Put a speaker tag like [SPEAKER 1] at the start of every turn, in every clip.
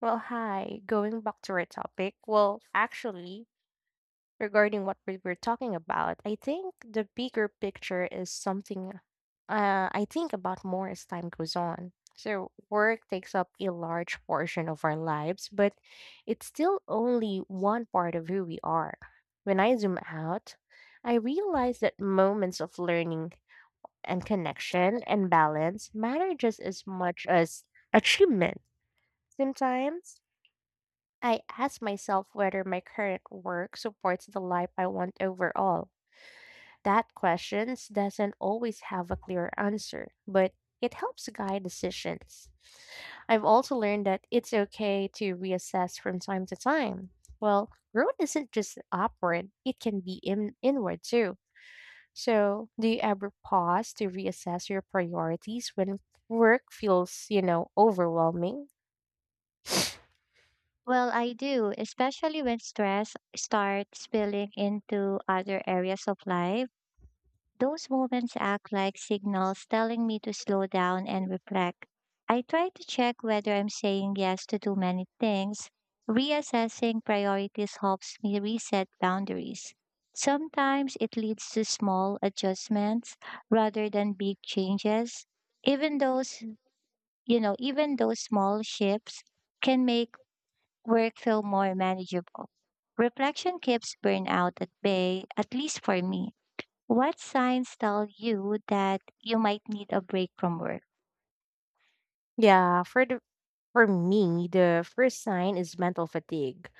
[SPEAKER 1] Well, hi. Going back to our topic, regarding what we were talking about, I think the bigger picture is something I think about more as time goes on. So, work takes up a large portion of our lives, but it's still only one part of who we are. When I zoom out, I realize that moments of learning and connection and balance matter just as much as achievement. Sometimes I ask myself whether my current work supports the life I want overall. That question doesn't always have a clear answer, but it helps guide decisions. I've also learned that it's okay to reassess from time to time. Well, growth isn't just upward, it can be inward too. So, do you ever pause to reassess your priorities when work feels overwhelming?
[SPEAKER 2] Well, I do, especially when stress starts spilling into other areas of life. Those moments act like signals telling me to slow down and reflect. I try to check whether I'm saying yes to too many things. Reassessing priorities helps me reset boundaries. Sometimes it leads to small adjustments rather than big changes. Even those, Even those small shifts can make work feel more manageable. Reflection keeps burnout at bay, at least for me. What signs tell you that you might need a break from work?
[SPEAKER 1] Yeah, For me, the first sign is mental fatigue.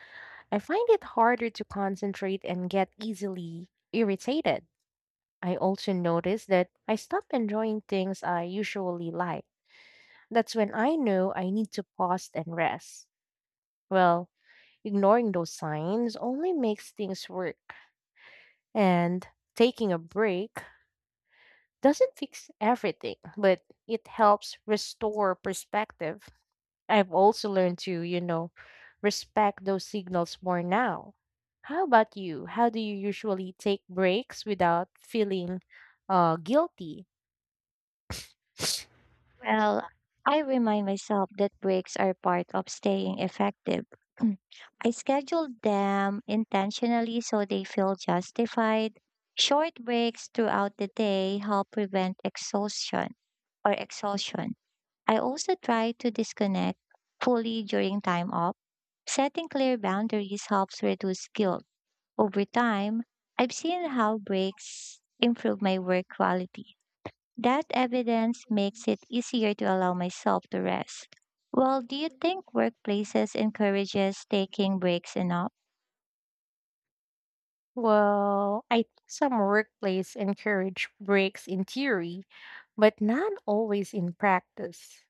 [SPEAKER 1] I find it harder to concentrate and get easily irritated. I also notice that I stop enjoying things I usually like. That's when I know I need to pause and rest. Well, ignoring those signs only makes things work, and taking a break doesn't fix everything, but it helps restore perspective. I've also learned to respect those signals more now. How about you? How do you usually take breaks without feeling guilty?
[SPEAKER 2] Well, I remind myself that breaks are part of staying effective. I schedule them intentionally so they feel justified. Short breaks throughout the day help prevent exhaustion. I also try to disconnect fully during time off. Setting clear boundaries helps reduce guilt. Over time, I've seen how breaks improve my work quality. That evidence makes it easier to allow myself to rest. Well, do you think workplaces encourages taking breaks enough?
[SPEAKER 1] Well, I think some workplace encourage breaks in theory, but not always in practice.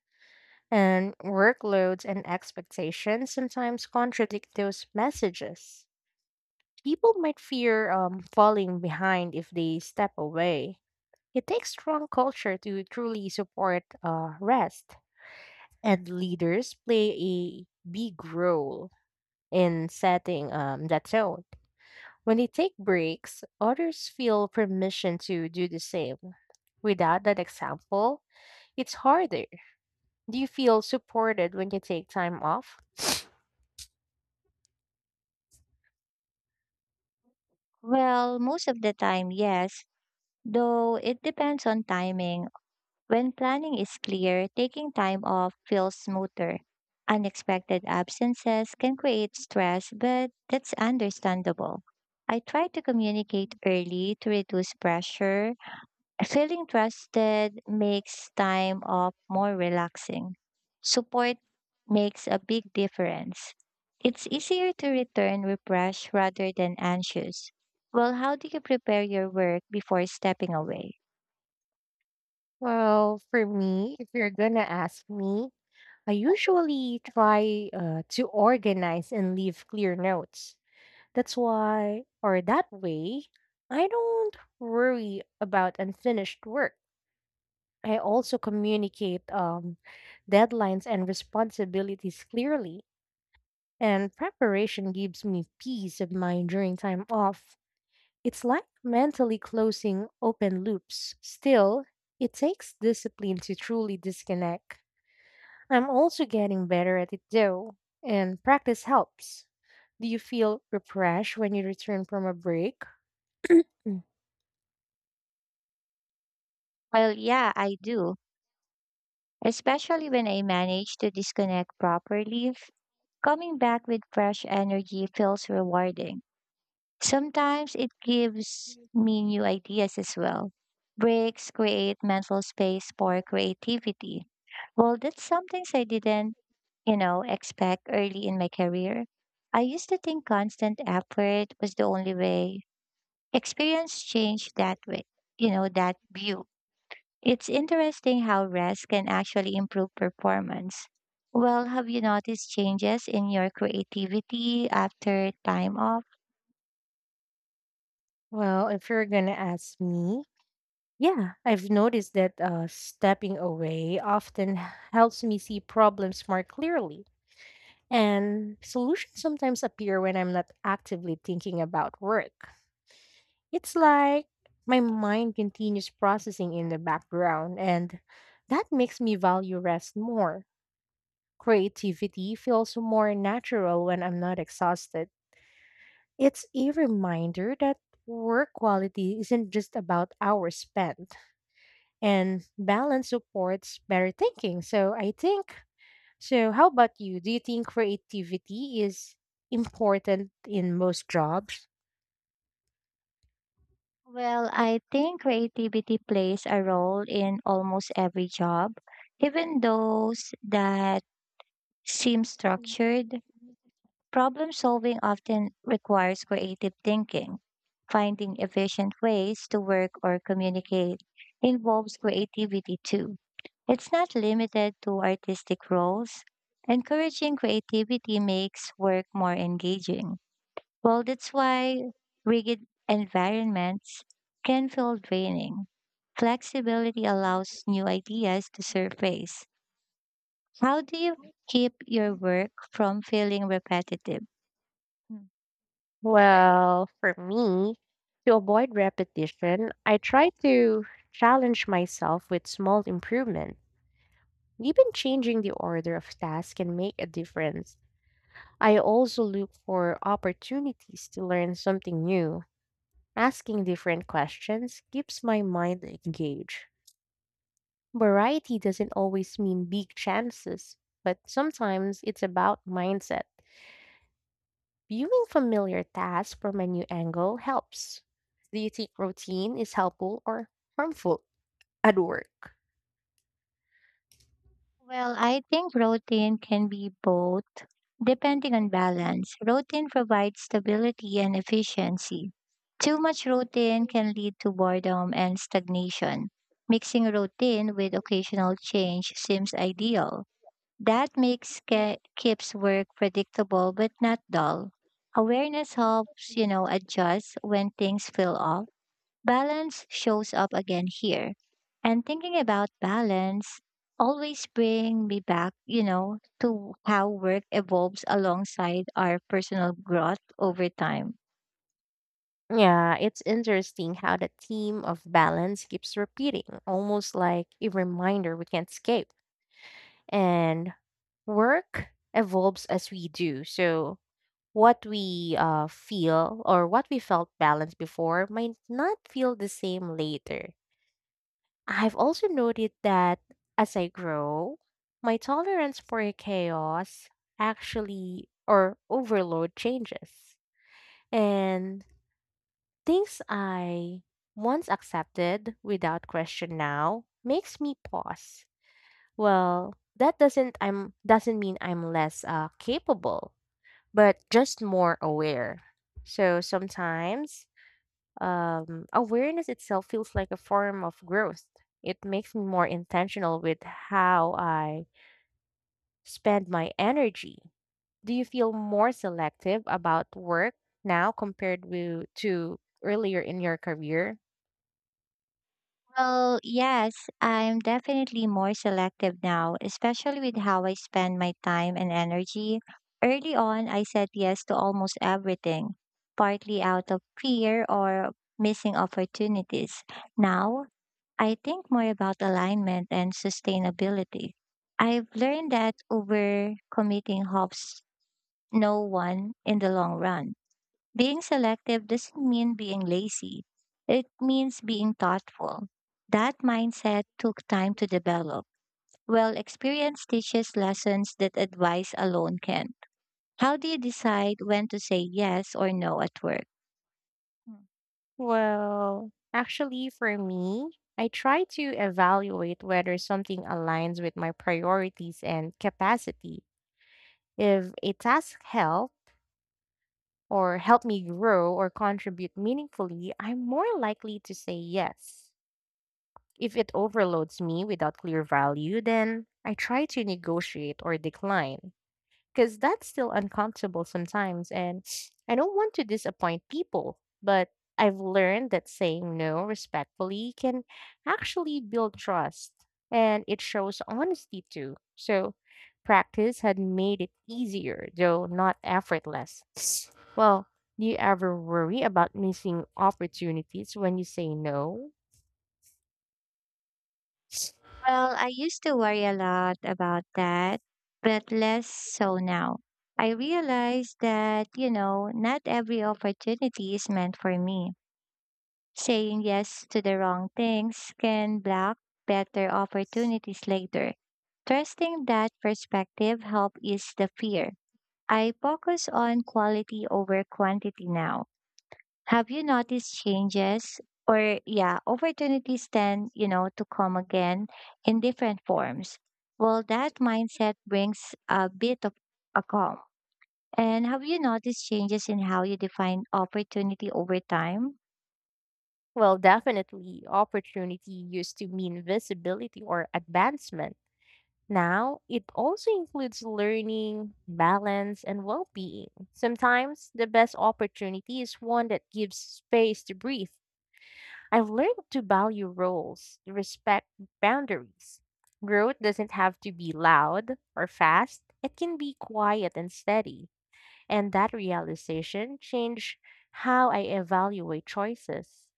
[SPEAKER 1] And workloads and expectations sometimes contradict those messages. People might fear falling behind if they step away. It takes strong culture to truly support rest, and leaders play a big role in setting that tone. When they take breaks, others feel permission to do the same. Without that example, it's harder. Do you feel supported when you take time off?
[SPEAKER 2] Well, most of the time, yes, though it depends on timing. When planning is clear, taking time off feels smoother. Unexpected absences can create stress, but that's understandable. I try to communicate early to reduce pressure. Feeling trusted makes time off more relaxing. Support makes a big difference. It's easier to return refreshed rather than anxious. Well, how do you prepare your work before stepping away?
[SPEAKER 1] Well, for me, if you're gonna ask me, I usually try to organize and leave clear notes. That's why, or that way, I don't worry about unfinished work. I also communicate deadlines and responsibilities clearly, and preparation gives me peace of mind during time off. It's like mentally closing open loops. Still, it takes discipline to truly disconnect. I'm also getting better at it though, and practice helps. Do you feel refreshed when you return from a break?
[SPEAKER 2] Well, yeah, I do, especially when I manage to disconnect properly. Coming back with fresh energy feels rewarding. Sometimes it gives me new ideas as well. Breaks create mental space for creativity. Well, that's something I didn't, you know, expect early in my career. I used to think constant effort was the only way. Experience changed that way, you know, that view. It's interesting how rest can actually improve performance. Well, have you noticed changes in your creativity after time off?
[SPEAKER 1] Well, if you're gonna ask me, yeah, I've noticed that stepping away often helps me see problems more clearly, and solutions sometimes appear when I'm not actively thinking about work. It's like my mind continues processing in the background, and that makes me value rest more. Creativity feels more natural when I'm not exhausted. It's a reminder that work quality isn't just about hours spent, and balance supports better thinking. So I think so how about you? Do you think creativity is important in most jobs?
[SPEAKER 2] Well, I think creativity plays a role in almost every job, even those that seem structured. Problem solving often requires creative thinking. Finding efficient ways to work or communicate involves creativity too. It's not limited to artistic roles. Encouraging creativity makes work more engaging. Well, that's why rigid environments can feel draining. Flexibility allows new ideas to surface. How do you keep your work from feeling repetitive?
[SPEAKER 1] Well, for me, to avoid repetition, I try to challenge myself with small improvement. Even changing the order of tasks can make a difference. I also look for opportunities to learn something new. Asking different questions keeps my mind engaged. Variety doesn't always mean big chances, but sometimes it's about mindset. Viewing familiar tasks from a new angle helps. Do you think routine is helpful or harmful at work?
[SPEAKER 2] Well, I think routine can be both, depending on balance. Routine provides stability and efficiency. Too much routine can lead to boredom and stagnation. Mixing routine with occasional change seems ideal. That keeps work predictable but not dull. Awareness adjust when things feel off. Balance shows up again here. And thinking about balance always bring me back to how work evolves alongside our personal growth over time.
[SPEAKER 1] Yeah, it's interesting how the theme of balance keeps repeating, almost like a reminder we can't escape. And work evolves as we do, so what we felt balanced before might not feel the same later. I've also noted that as I grow, my tolerance for chaos actually or overload changes. And things I once accepted without question now makes me pause. Well, that doesn't mean I'm less capable but just more aware. So sometimes awareness itself feels like a form of growth. It makes me more intentional with how I spend my energy. Do you feel more selective about work now compared to earlier in your career?
[SPEAKER 2] Well, yes, I'm definitely more selective now, especially with how I spend my time and energy. Early on, I said yes to almost everything, partly out of fear or missing opportunities. Now, I think more about alignment and sustainability. I've learned that overcommitting helps no one in the long run. Being selective doesn't mean being lazy, it means being thoughtful. That mindset took time to develop. Well, experience teaches lessons that advice alone can't. How do you decide when to say yes or no at work? Hmm.
[SPEAKER 1] Well, actually, for me, I try to evaluate whether something aligns with my priorities and capacity. If a task help me grow or contribute meaningfully, I'm more likely to say yes. If it overloads me without clear value, then I try to negotiate or decline because that's still uncomfortable sometimes. And I don't want to disappoint people, but I've learned that saying no respectfully can actually build trust, and it shows honesty too. So, practice had made it easier, though not effortless. Well, do you ever worry about missing opportunities when you say no?
[SPEAKER 2] Well, I used to worry a lot about that, but less so now. I realized that not every opportunity is meant for me. Saying yes to the wrong things can block better opportunities later. Trusting that perspective helped ease the fear. I focus on quality over quantity now. Have you noticed changes or yeah, opportunities tend to come again in different forms? Well, that mindset brings a bit of a calm. And have you noticed changes in how you define opportunity over time?
[SPEAKER 1] Well, definitely, opportunity used to mean visibility or advancement. Now, it also includes learning, balance, and well being. Sometimes the best opportunity is one that gives space to breathe. I've learned to value roles, respect boundaries. Growth doesn't have to be loud or fast, it can be quiet and steady. And that realization changed how I evaluate choices.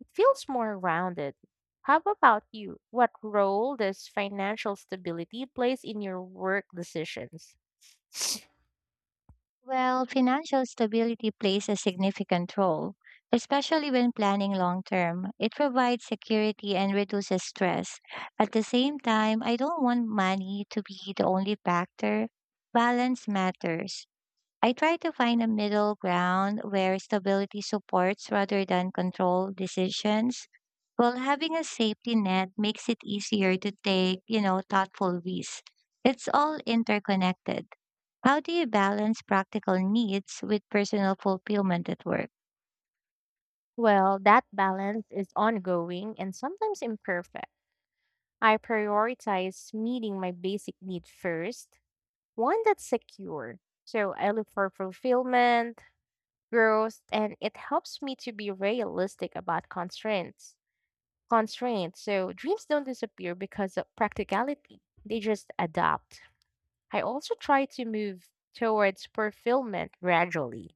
[SPEAKER 1] It feels more rounded. How about you? What role does financial stability plays in your work decisions?
[SPEAKER 2] Well, financial stability plays a significant role, especially when planning long term. It provides security and reduces stress. At the same time, I don't want money to be the only factor balance matters I try to find a middle ground where stability supports rather than control decisions. Well, having a safety net makes it easier to take thoughtful risks. It's all interconnected. How do you balance practical needs with personal fulfillment at work?
[SPEAKER 1] Well, that balance is ongoing and sometimes imperfect. I prioritize meeting my basic need first, one that's secure. So I look for fulfillment, growth, and it helps me to be realistic about constraints. So dreams don't disappear because of practicality, they just adapt. I also try to move towards fulfillment gradually.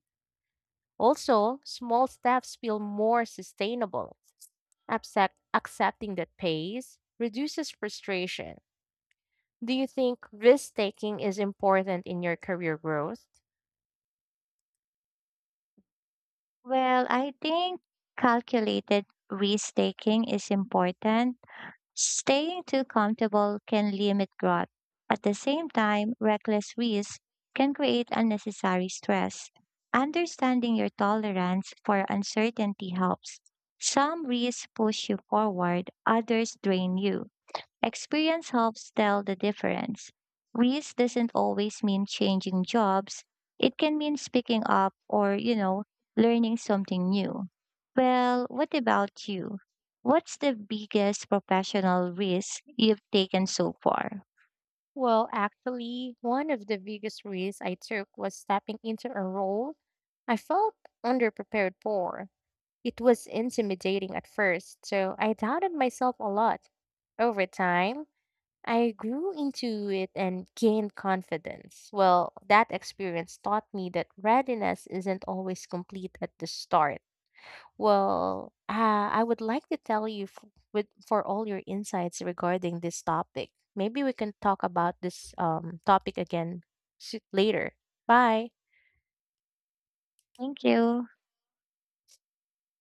[SPEAKER 1] Also, small steps feel more sustainable. Accepting that pace reduces frustration. Do you think risk taking is important in your career growth?
[SPEAKER 2] Well, I think calculated risk taking is important. Staying too comfortable can limit growth. At the same time, reckless risk can create unnecessary stress. Understanding your tolerance for uncertainty helps. Some risks push you forward, others drain you. Experience helps tell the difference. Risk doesn't always mean changing jobs. It can mean speaking up or learning something new. Well, what about you? What's the biggest professional risk you've taken so far?
[SPEAKER 1] Well, actually, one of the biggest risks I took was stepping into a role I felt underprepared for. It was intimidating at first, so I doubted myself a lot. Over time, I grew into it and gained confidence. Well, that experience taught me that readiness isn't always complete at the start. I would like to tell you for all your insights regarding this topic. Maybe we can talk about this topic again later. Bye.
[SPEAKER 2] Thank you.